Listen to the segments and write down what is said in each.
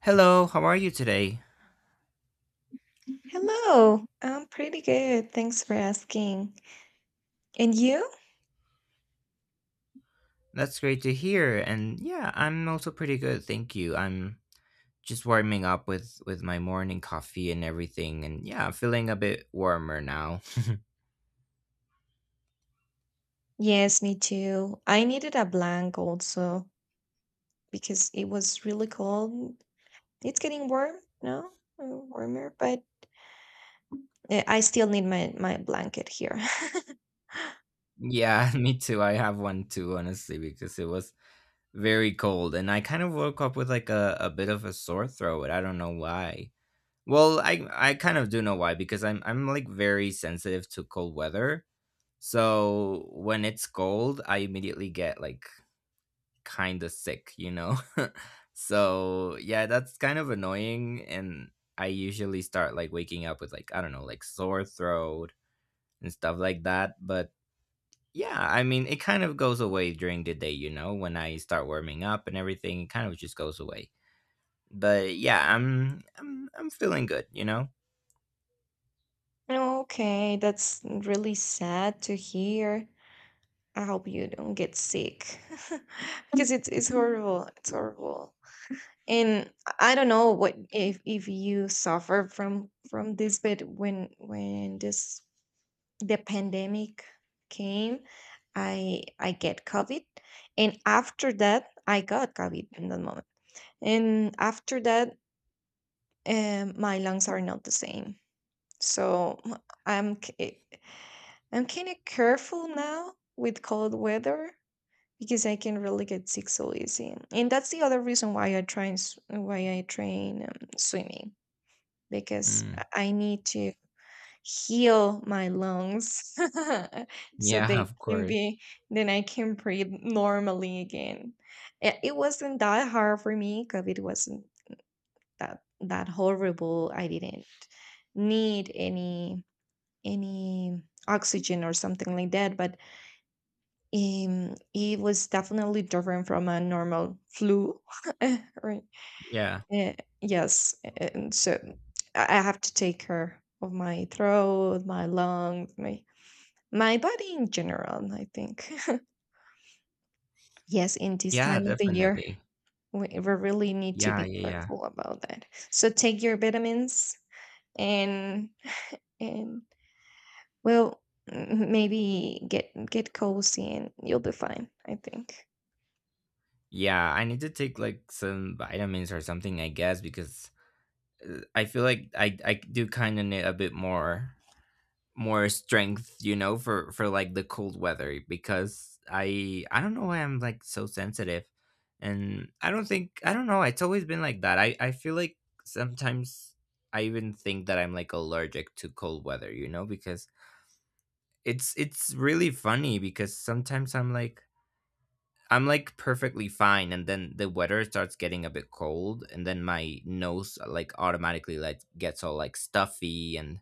Hello, how are you today? Hello, I'm pretty good. Thanks for asking. And you? That's great to hear. And yeah, I'm also pretty good, thank you. I'm just warming up with my morning coffee and everything. And yeah, I'm feeling a bit warmer now. Yes, me too. I needed a blank also because it was really cold. It's getting warm, no? Uh, Warmer, but I still need my blanket here. Yeah, me too. I have one too, honestly, because it was very cold and I kind of woke up with like a bit of a sore throat. I don't know why. Well, I kind of do know why because I'm like very sensitive to cold weather. So when it's cold, I immediately get like kind of sick, you know? So, yeah, that's kind of annoying. And I usually start like waking up with like, I don't know, like sore throat and stuff like that. But yeah, I mean, it kind of goes away during the day, you know, when I start warming up and everything, it kind of just goes away. But yeah, I'm feeling good, you know? Okay, that's really sad to hear. I hope you don't get sick because it's horrible. It's horrible. And I don't know what if you suffer from this but when this the pandemic came I get covid and after that I got covid in that moment and after that my lungs are not the same so i'm ki- I'm kind of careful now with cold weather because I can really get sick so easy and that's the other reason why why I train swimming because Mm. I need to heal my lungs so Yeah, they of can course. be then I can breathe normally again. It wasn't that hard for me. COVID wasn't that horrible. I didn't need any oxygen or something like that, but it was definitely different from a normal flu. Right? Yeah. Eh, yes, and so I have to take care of my throat, my lungs, my body in general, I think. Yes, in this Yeah, time of the year, definitely. we really need to Yeah, be yeah, yeah. careful about that. So take your vitamins and and well, maybe get cozy and you'll be fine, I think. Yeah, I need to take like some vitamins or something, I guess, because I feel like I do kind of need a bit more more strength, you know, for like the cold weather because I don't know why I'm like so sensitive, and I don't think I don't know. It's always been like that. I feel like sometimes I even think that I'm like allergic to cold weather, you know, because it's really funny because sometimes I'm like perfectly fine, and then the weather starts getting a bit cold, and then my nose like automatically like gets all like stuffy, and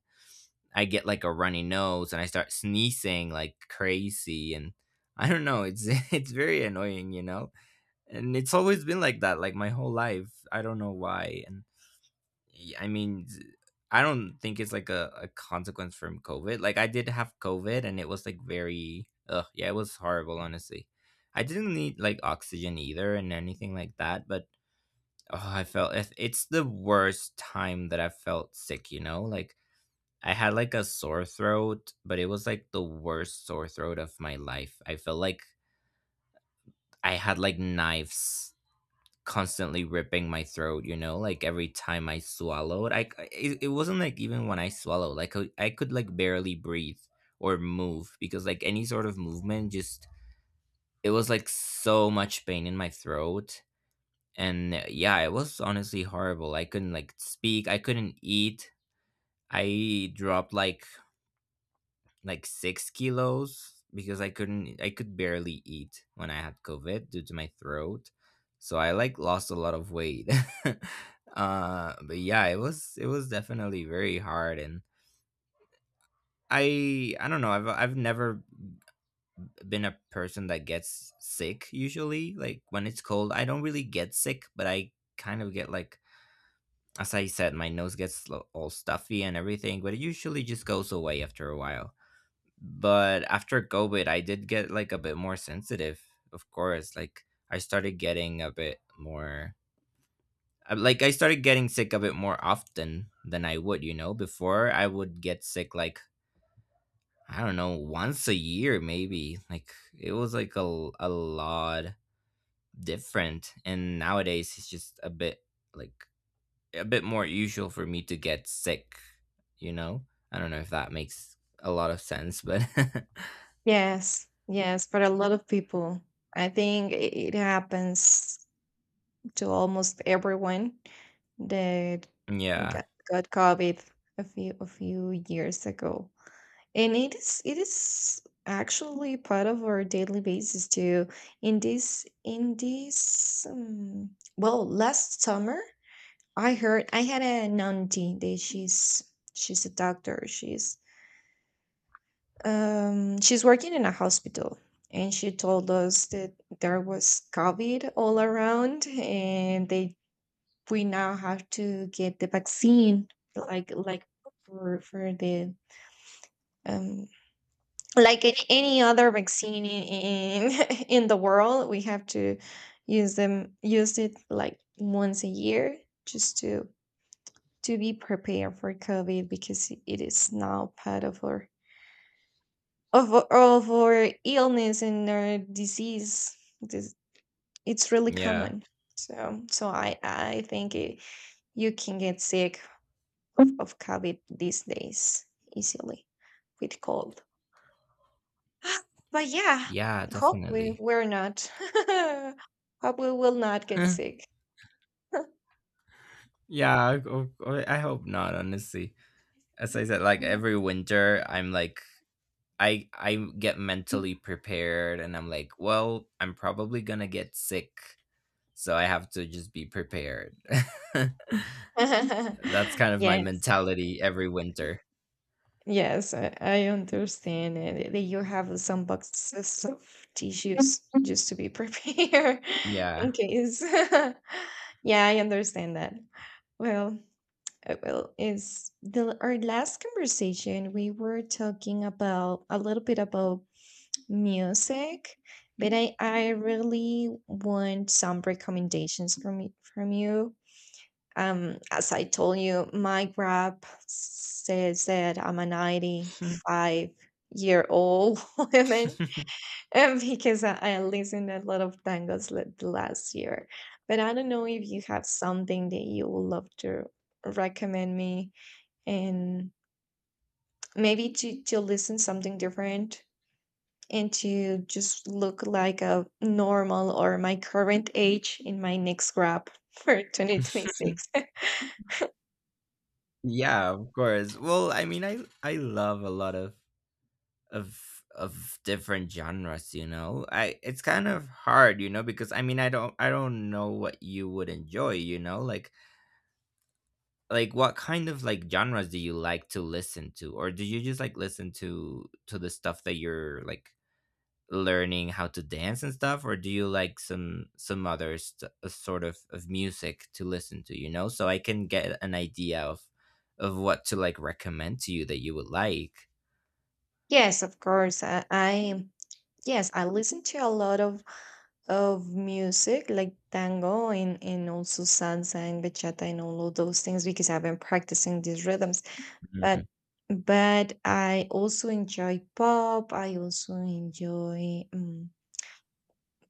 I get like a runny nose, and I start sneezing like crazy, and I don't know, it's it's very annoying, you know, and it's always been like that, like my whole life. I don't know why, and I mean, I don't think it's like a consequence from COVID. Like I did have COVID and it was like very ugh, yeah, it was horrible, honestly. I didn't need like oxygen either and anything like that, but oh, I felt if it's the worst time that I felt sick, you know? Like I had like a sore throat, but it was like the worst sore throat of my life. I felt like I had like knives constantly ripping my throat, you know, like every time I swallowed. Like, it wasn't like even when I swallowed, like I could like barely breathe or move because like any sort of movement just it was like so much pain in my throat. And yeah, it was honestly horrible. I couldn't like speak, I couldn't eat. I dropped like 6 kilos because I couldn't, I could barely eat when I had COVID due to my throat. So I like lost a lot of weight. But yeah, it was definitely very hard. And I don't know, I've never been a person that gets sick usually. Like when it's cold, I don't really get sick, but I kind of get like, as I said, my nose gets all stuffy and everything, but it usually just goes away after a while. But after COVID I did get like a bit more sensitive, of course. Like I started getting a bit more like I started getting sick a bit more often than I would, you know? Before I would get sick like, I don't know, once a year maybe. Like it was like a lot different and nowadays it's just a bit like a bit more usual for me to get sick, you know? I don't know if that makes a lot of sense, but Yes, yes, but a lot of people, I think it happens to almost everyone that yeah, got, got COVID a few years ago. And it is actually part of our daily basis too. In this well, last summer I heard I had an auntie that she's a doctor. She's working in a hospital and she told us that there was COVID all around and they we now have to get the vaccine like for the um like in any other vaccine in in the world we have to use it like once a year just to be prepared for covid because it is now part of our of our illness and our disease this, it's really yeah. common so so I think it, you can get sick of COVID these days easily with cold. But yeah, Yeah, hope definitely. we're not. Hope we will not get sick. Yeah, I hope not, honestly. As I said, like every winter, I'm like, I get mentally prepared, and I'm like, well, I'm probably gonna get sick, so I have to just be prepared. Yeah. That's kind of my yes, mentality every winter. yes, I understand it, that you have some boxes of tissues just to be prepared Yeah. in case. Yeah, I understand that. Well, well, is the our last conversation we were talking about a little bit about music, but I really want some recommendations from from you. As I told you, my grab says that I'm a 95-year-old woman and because I listened a lot of tangos the last year. But I don't know if you have something that you would love to recommend me and maybe to listen something different and to just look like a normal or my current age in my next grab for 2026. Yeah, of course. Well, I mean, I love a lot of different genres, you know? I It's kind of hard, you know, because I mean, I don't know what you would enjoy, you know? Like what kind of like genres do you like to listen to, or do you just like listen to the stuff that you're like learning how to dance and stuff, or do you like some sort of music to listen to, you know, so I can get an idea of what to like recommend to you that you would like? yes, of course. I yes, I listen to a lot of music like tango and also salsa and bachata and all of those things because I've been practicing these rhythms. But Mhm, but I also enjoy pop. I also enjoy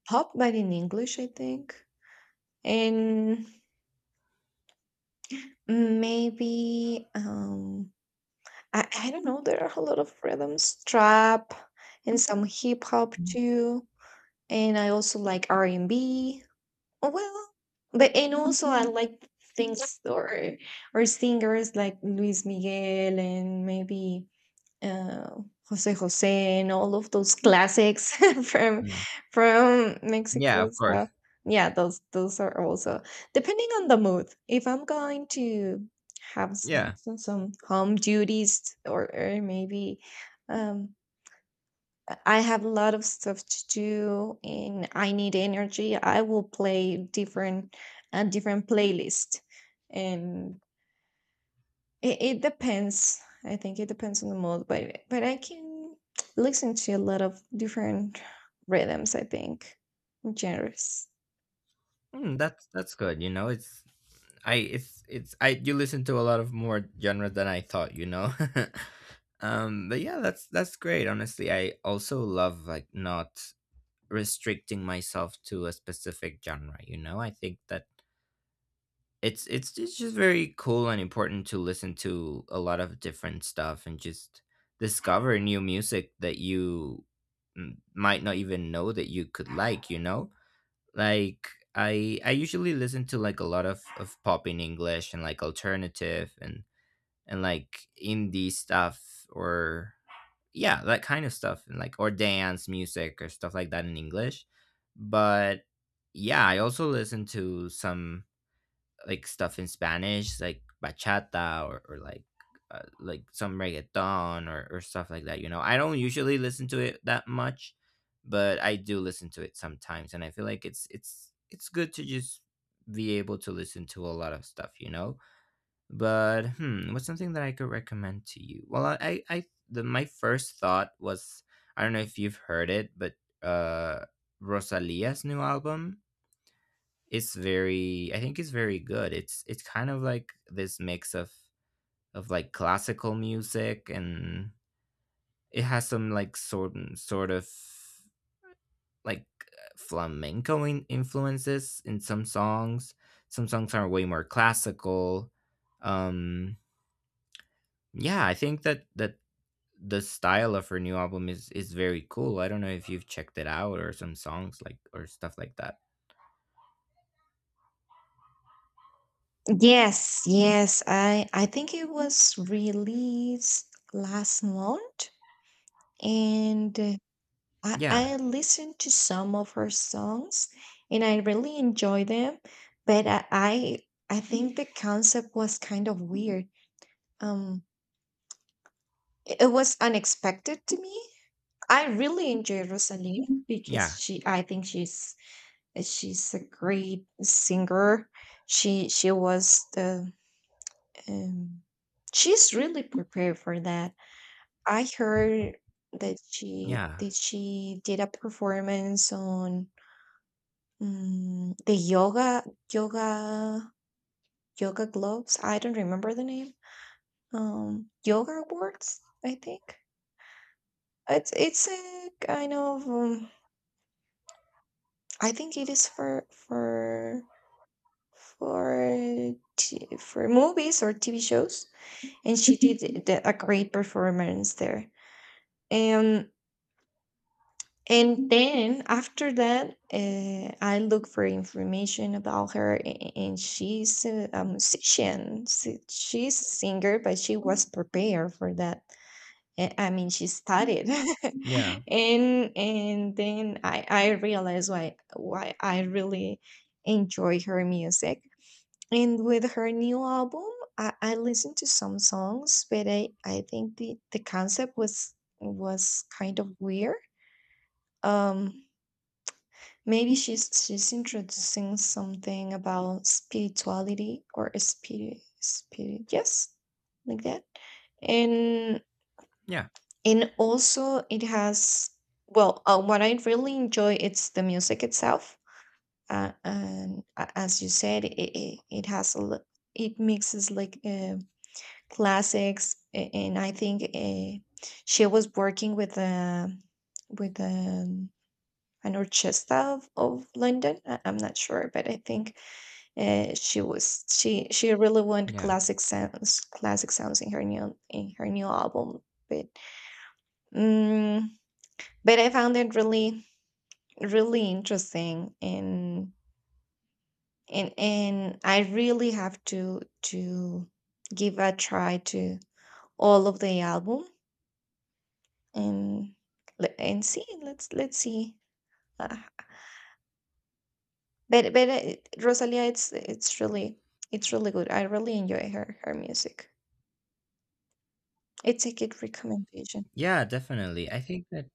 pop, but in English, I think. And maybe, I don't know, there are a lot of rhythms, trap and some hip hop too, and I also like R&B. Oh, well, but and also I like things or singers like Luis Miguel and maybe uh, Jose Jose and all of those classics from mhm. from Yeah, Mexico. of So course. yeah, those are also depending on the mood. If I'm going to have Yeah. Some home duties or maybe um, I have a lot of stuff to do and I need energy, I will play different a different playlist and it depends. I think it depends on the mood, but I can listen to a lot of different rhythms. I think genres. Mm, that's good. You know, it's I you listen to a lot of more genres than I thought. You know, but yeah, that's great. Honestly, I also love like not restricting myself to a specific genre. You know, I think that it's just very cool and important to listen to a lot of different stuff and just discover new music that you mm, might not even know that you could like. You know, like I usually listen to like a lot of pop in English and like alternative and like indie stuff or yeah that kind of stuff and like or dance music or stuff like that in English, but yeah, I also listen to some like stuff in Spanish, like bachata or like some reggaeton, or stuff like that. You know, I don't usually listen to it that much, but I do listen to it sometimes, and I feel like it's good to just be able to listen to a lot of stuff. You know, but hmm, what's something that I could recommend to you? Well, I the my first thought was I don't know if you've heard it, but uh, Rosalia's new album, it's very I think it's very good. It's kind of like this mix of like classical music, and it has some like sort of like flamenco influences in some songs. Some songs are way more classical. Um, yeah, I think that the style of her new album is very cool. I don't know if you've checked it out or some songs like or stuff like that. Yes, yes. I think it was released last month, and Yeah, I listened to some of her songs, and I really enjoy them. But I think the concept was kind of weird. Um, it was unexpected to me. I really enjoy Rosaline because yeah, she, I think, she's a great singer. She was the um, she's really prepared for that. I heard that she yeah, did a performance on the yoga yoga yoga gloves. I don't remember the name. Yoga awards, I think. It's a kind of I think it is for for movies or TV shows, and she did a great performance there. Um, and then after that, I look for information about her, and she's a musician. She's a singer, but she was prepared for that. I mean, she studied, yeah, and then I realized why I really enjoy her music. And with her new album, I listened to some songs, but I think the concept was kind of weird. Um, maybe she's introducing something about spirituality or spirit, yes, like that. And yeah, and also it has, well, what I really enjoy it's the music itself. And as you said, it has it mixes like classics, and I think she was working with a with an orchestra of London. I'm not sure but I think she really wanted yeah. classic sounds, in her new album, but mm but I found it really really interesting, and I really have to give a try to all of the album and and see. Let's see. uh, but rosalia it's really, it's really good. I really enjoy her music. It's a good recommendation. Yeah, definitely.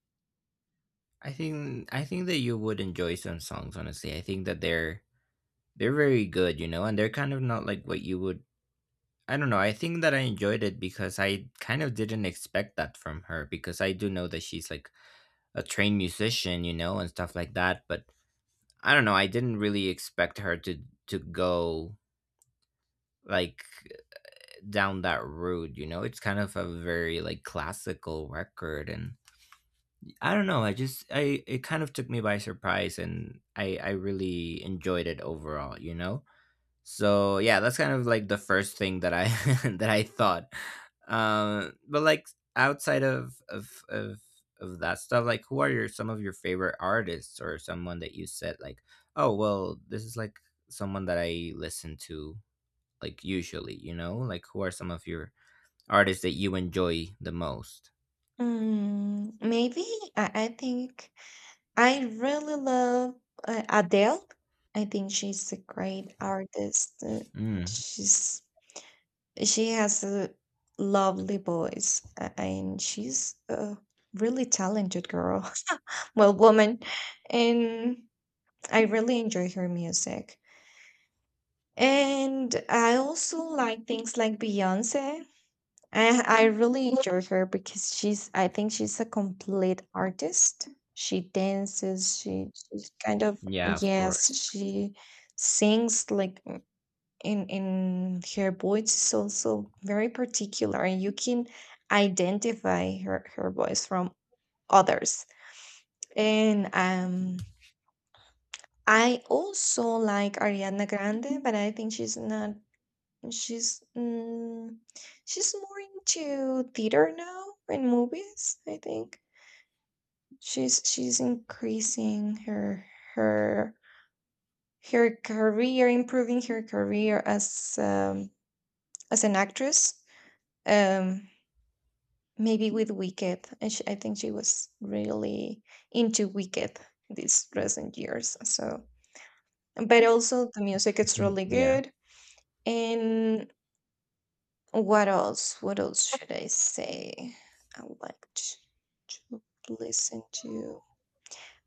I think that you would enjoy some songs, honestly. I think that they're very good, you know, and they're kind of not like what you would I don't know. I think that I enjoyed it because I kind of didn't expect that from her, because I do know that she's like a trained musician, you know, and stuff like that, but I don't know, I didn't really expect her to go like down that road, you know. It's kind of a very like classical record, and I don't know. I it kind of took me by surprise and I really enjoyed it overall, you know? So, yeah, that's kind of like the first thing that I that I thought. Um, but like outside of that stuff, like who are your some of your favorite artists or someone that you said like, "Oh, well, this is like someone that I listen to like usually, you know? Like who are some of your artists that you enjoy the most?" Maybe, I think I really love Adele. I think she's a great artist. Mm, she's she has a lovely voice, and she's a really talented girl, well, woman, and I really enjoy her music. And I also like things like Beyonce. I really enjoy her because she's, I think, she's a complete artist. She dances, she's kind of, yeah, of yes, course. she sings like, in her voice is also very particular, and you can identify her voice from others. And I also like Ariana Grande, but I think she's not She's mm, she's more into theater now and movies, I think. She's increasing her her career, improving her career as an actress. Um, maybe with Wicked, and I think she was really into Wicked these recent years. So, but also the music is really Yeah. good, and what else? What else should I say? I like to listen to.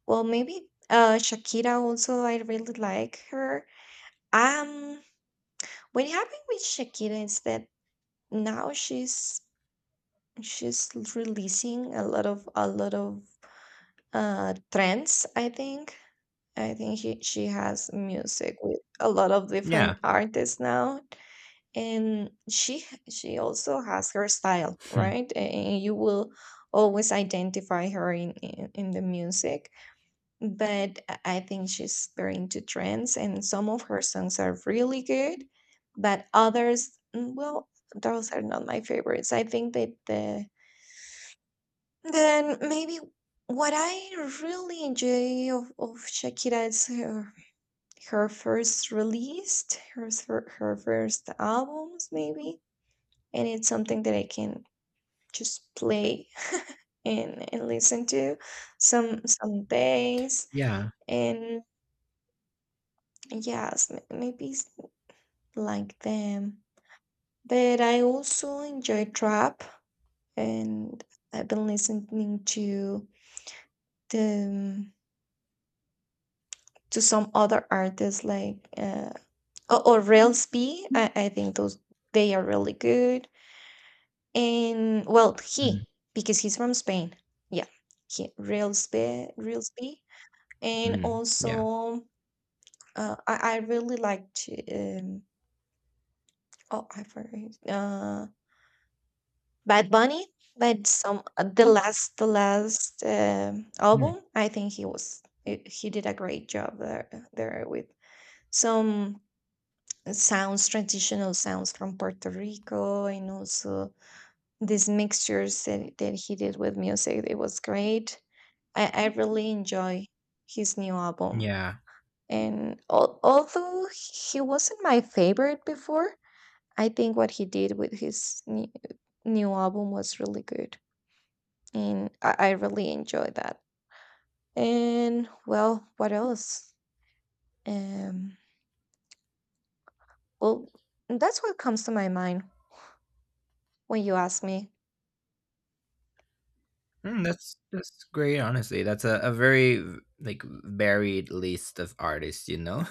Well, maybe Shakira also. I really like her. Um, what happened with Shakira is that now she's releasing a lot of trends, I think. I think she has music with a lot of Yeah. different artists now. And she also has her style, Hmm. right? And you will always identify her in, in the music, but I think she's very into trends, and some of her songs are really good, but others, well, those are not my favorites. I think that the, then maybe what I really enjoy of, shakira is her, her first released her, s- her her first albums, maybe, and it's something that I can just play and, listen to some, bass, Yeah. and yes, like them. But I also enjoy trap, and I've been listening to the, um, to some other artists like, or Rails B. I think those, they are really good, and, well, Mm, he, because he's from Spain, yeah, he, Rails B, Rails B. And mm, yeah. also, I really like to, um oh, I forgot, Bad Bunny. But some, the last Mm, album, I think he was he, did a great job there, with some sounds, traditional sounds from Puerto Rico, and also these mixtures that, he did with music. It was great. I really enjoy his new album. yeah. And, although he wasn't my favorite before, I think what he did with his new, album was really good. And I really enjoyed that. And, well, what else? Um, well, that's what comes to my mind when you ask me. Mm, that's great. Honestly, that's a very like varied list of artists. You know,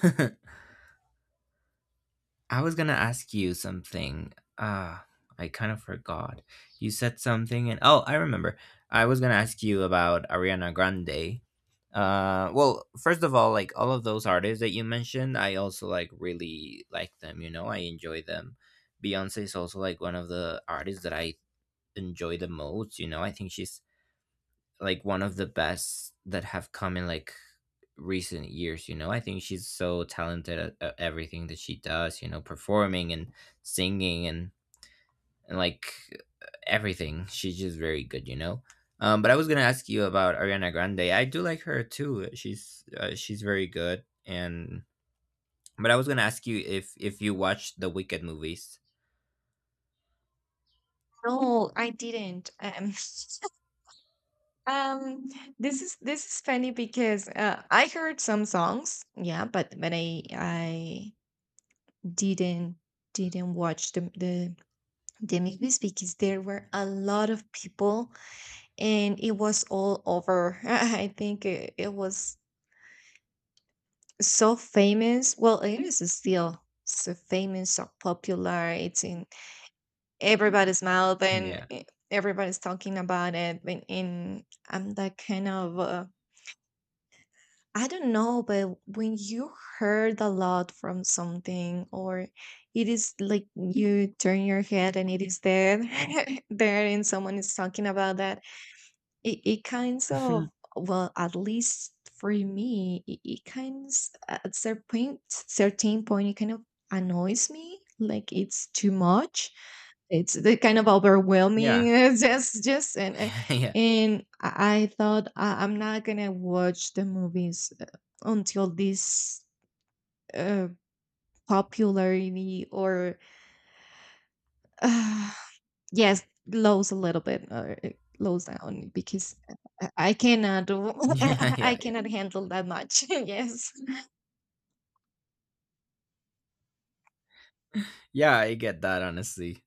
I was gonna ask you something. Ah, I kind of forgot. You said something, and oh, I remember. I was gonna ask you about Ariana Grande. Well, first of all, like all of those artists that you mentioned, I also like really like them. You know, I enjoy them. Beyonce is also like one of the artists that I enjoy the most. You know, I think she's like one of the best that have come in like recent years. You know, I think she's so talented at everything that she does. You know, performing and singing and like everything. She's just very good. You know. But I was gonna ask you about Ariana Grande. I do like her too. She's very good. And but I was gonna ask you if you watched the Wicked movies. No, I didn't. Um, this is, this is funny because I heard some songs, yeah, but I didn't didn't watch the, academics, because there were a lot of people, and it was all over. I think it was so famous. Well, it is still so famous, so popular. It's in everybody's mouth, and Yeah. Everybody's talking about it. And, I'm that kind of, I don't know, but when you heard a lot from something, or it is like you turn your head and it is there, there, and someone is talking about that, it kinds of, well, at least for me, it kinds at certain point, it kind of annoys me. Like, it's too much. It's the kind of Yeah. overwhelming. It's just, and Yeah. Yeah. I thought, I, I'm not gonna watch the movies, until this, uh, popularity, or yes, lows a little bit, it lows down, because I cannot do, Yeah. Yeah. I Yeah. cannot handle that much. Yes. Yeah. I get that, honestly.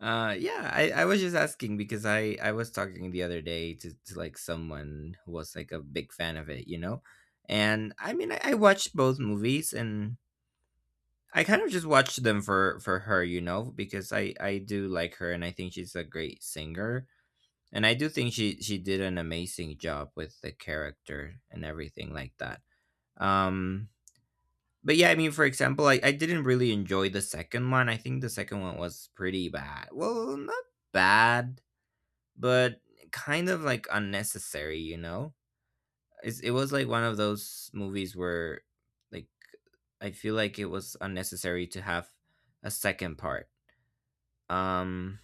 Yeah, I was just asking because I was talking the other day to like someone who was like a big fan of it, you know? And I mean, I watched both movies, and I kind of just watched them for her, you know, because I do like her, and I think she's a great singer. And I do think she did an amazing job with the character and everything like that. Um, but yeah, I mean, for example, I didn't really enjoy the second one. I think the second one was pretty bad. Well, not bad but kind of like unnecessary, you know? It was like one of those movies where, like, I feel like it was unnecessary to have a second part. Um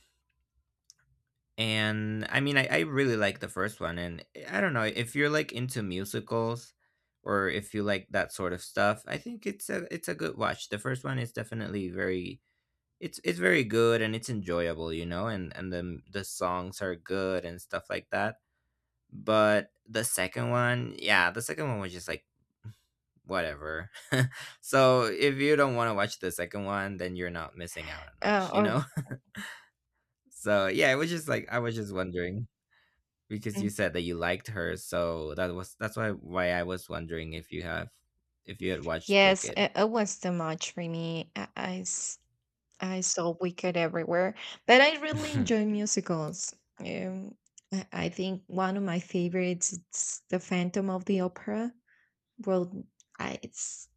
and I mean I really like the first one, and I don't know, if you're like into musicals or if you like that sort of stuff, I think it's a good watch. The first one is definitely very, it's very good and it's enjoyable, you know, and the songs are good and stuff like that. But the second one, yeah, the second one was just like whatever. So if you don't want to watch the second one, then you're not missing out on much, you Or know? So yeah, it was just like I was just wondering because you mm, said that you liked her, so that was that's why I was wondering if you have, if you had watched yes, Wicked. it was too much for me. I saw Wicked everywhere, but I really enjoy musicals. Um, I think one of my favorites is The Phantom of the Opera. Well, I it's,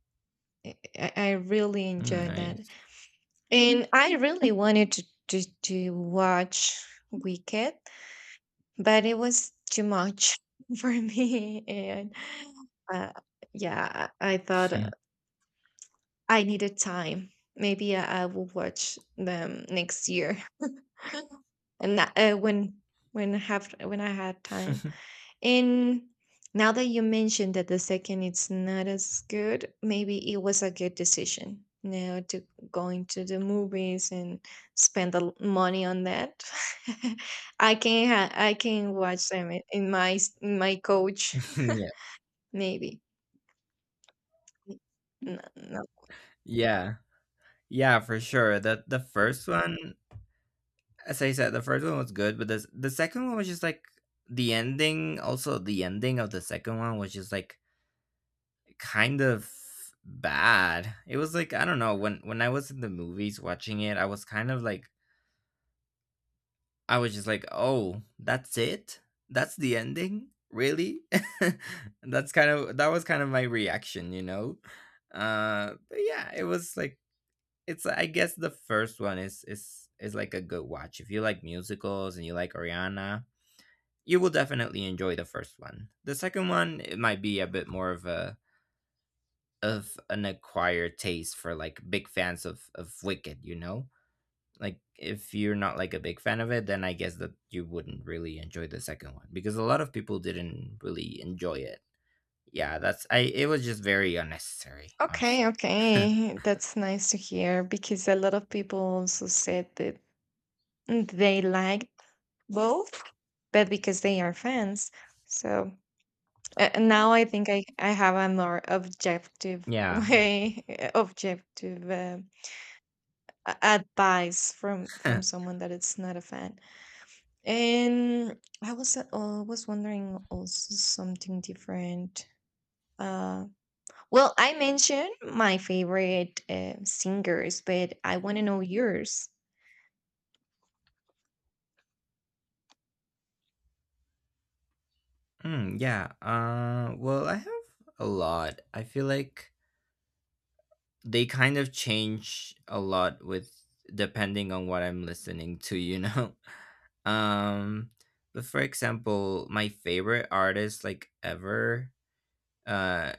I really Mm, enjoy that. nice. And I really wanted to watch Wicked, but it was too much for me. And, uh, yeah, I thought, I needed time. Maybe I will watch them next year, and when I have when I had time. And now that you mentioned that the second it's not as good, maybe it was a good decision now to going to the movies and spend the money on that. I can I can watch them in, in my coach Yeah. maybe. No, no. Yeah. Yeah, for sure. The first one, as I said, the first one was good, but the second one was just like the ending. Also, the ending of the second one was just like kind of bad. It was like I don't know, when I was in the movies watching it, I was kind of like, I was just like, oh, that's it. That's the ending, really. That's kind of my reaction, you know. But yeah, it was like, it's, I guess the first one is like a good watch. If you like musicals and you like Ariana, you will definitely enjoy the first one. The second one, it might be a bit more of a, of an acquired taste for like big fans of Wicked, you know? Like if you're not like a big fan of it, then I guess that you wouldn't really enjoy the second one, because a lot of people didn't really enjoy it. Yeah, that's, I, it was just very unnecessary, Okay, honestly. okay. That's nice to hear because a lot of people also said that, they liked both, but because they are fans. So, now I think I have a more objective Yeah. way, eh, objective advice from, someone that is not a fan. And I was, was wondering also something different. Uh, well, I mentioned my favorite, singers, but I want to know yours. Hmm, yeah. Well, I have a lot. I feel like they kind of change a lot with, depending on what I'm listening to, you know. Um but for example, my favorite artist like ever, uh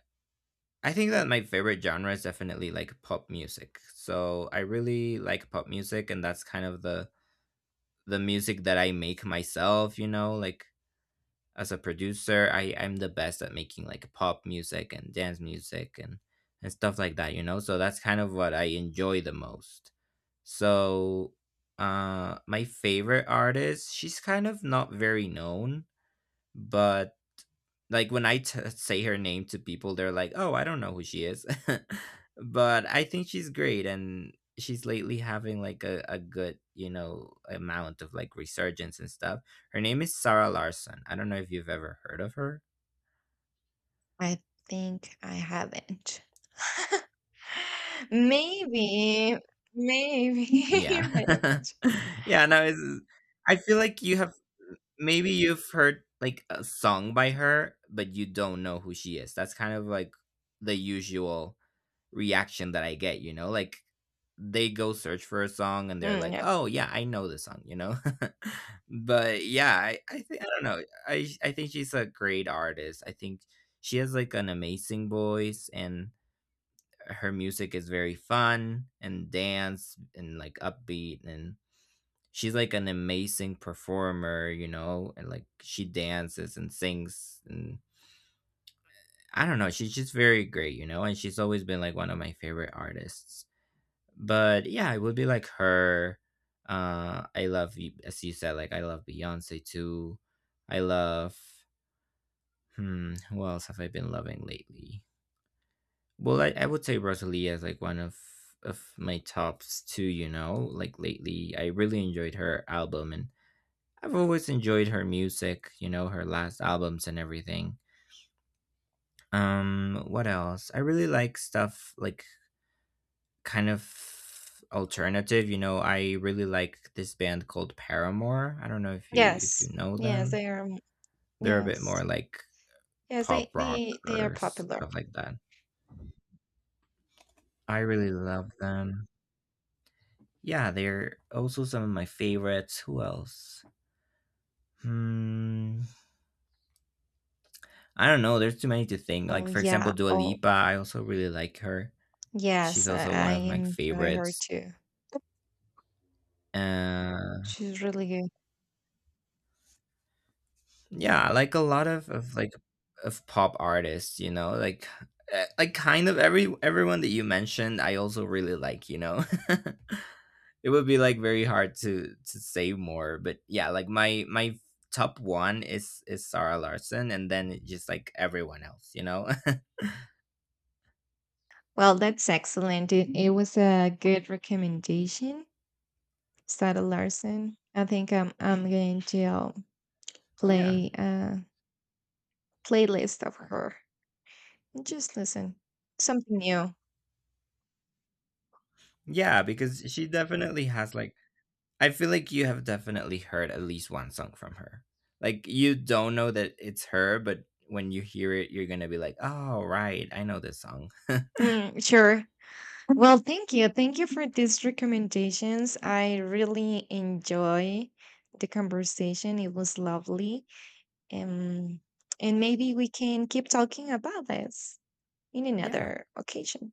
I think that my favorite genre is definitely like pop music. So I really like pop music, and that's kind of the music that I make myself, you know, like as a producer, I'm the best at making like pop music and dance music and stuff like that, you know. So that's kind of what I enjoy the most. So my favorite artist, she's kind of not very known, but like when I say her name to people, they're like, "Oh, I don't know who she is," but I think she's great, and she's lately having like a good, you know, amount of like resurgence and stuff. Her name is Sarah Larson. I don't know if you've ever heard of her. I think I haven't. Maybe, maybe, Yeah, but, yeah. No, it's, I feel like you have, maybe you've heard like a song by her, but you don't know who she is. That's kind of like the usual reaction that I get, you know? Like they go search for a song and they're like, yeah. "Oh yeah, I know this song," you know? But yeah, I think, I don't know. I I think she's a great artist. I think she has like an amazing voice, and her music is very fun and dance and like upbeat, and she's like an amazing performer, you know, and like she dances and sings, and I don't know, she's just very great, you know, and she's always been like one of my favorite artists. But yeah, it would be like her. I love as you said, like I love Beyonce too. I love, hmm, who else have I been loving lately? Well, I would say Rosalie is like one of my tops too. You know, like lately, I really enjoyed her album, and I've always enjoyed her music. You know, her last albums and everything. What else? I really like stuff like kind of alternative. You know, I really like this band called Paramore. I don't know if you Yes. know Yes, them. they are. They're a bit Yes. more like Yes, pop rock they are or popular. stuff like that. I really love them. Yeah, they're also some of my favorites. Who else? Hmm, I don't know. There's too many to think. Oh Like for example, yeah. Dua Oh Lipa. I also really like her. She's yes, also I one of my enjoy her favorites. too. Uh, She's really good. Yeah, like a lot of like of pop artists, you know, like like kind of everyone that you mentioned, I also really like, you know. It would be like very hard to say more, but yeah, like my top one is Sarah Larson, and then just like everyone else, you know. Well, that's excellent. It was a good recommendation, Sada Larson. I think I'm going to, Yeah, play a playlist of her. Just listen. Something new. yeah, because she definitely has like, I feel like you have definitely heard at least one song from her. Like you don't know that it's her, but when you hear it, you're gonna be like, "Oh, right, I know this song." Mm, sure. Well, thank you. Thank you for these recommendations. I really enjoy the conversation. It was lovely. Um, and maybe we can keep talking about this in Yeah, another occasion.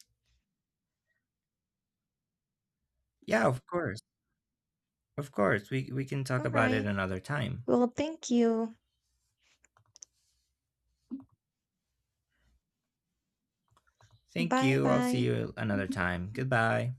yeah, of course, of course. We can talk All about it right. another time. Well, thank you. Thank Bye you. I'll see bye. you another time. Goodbye.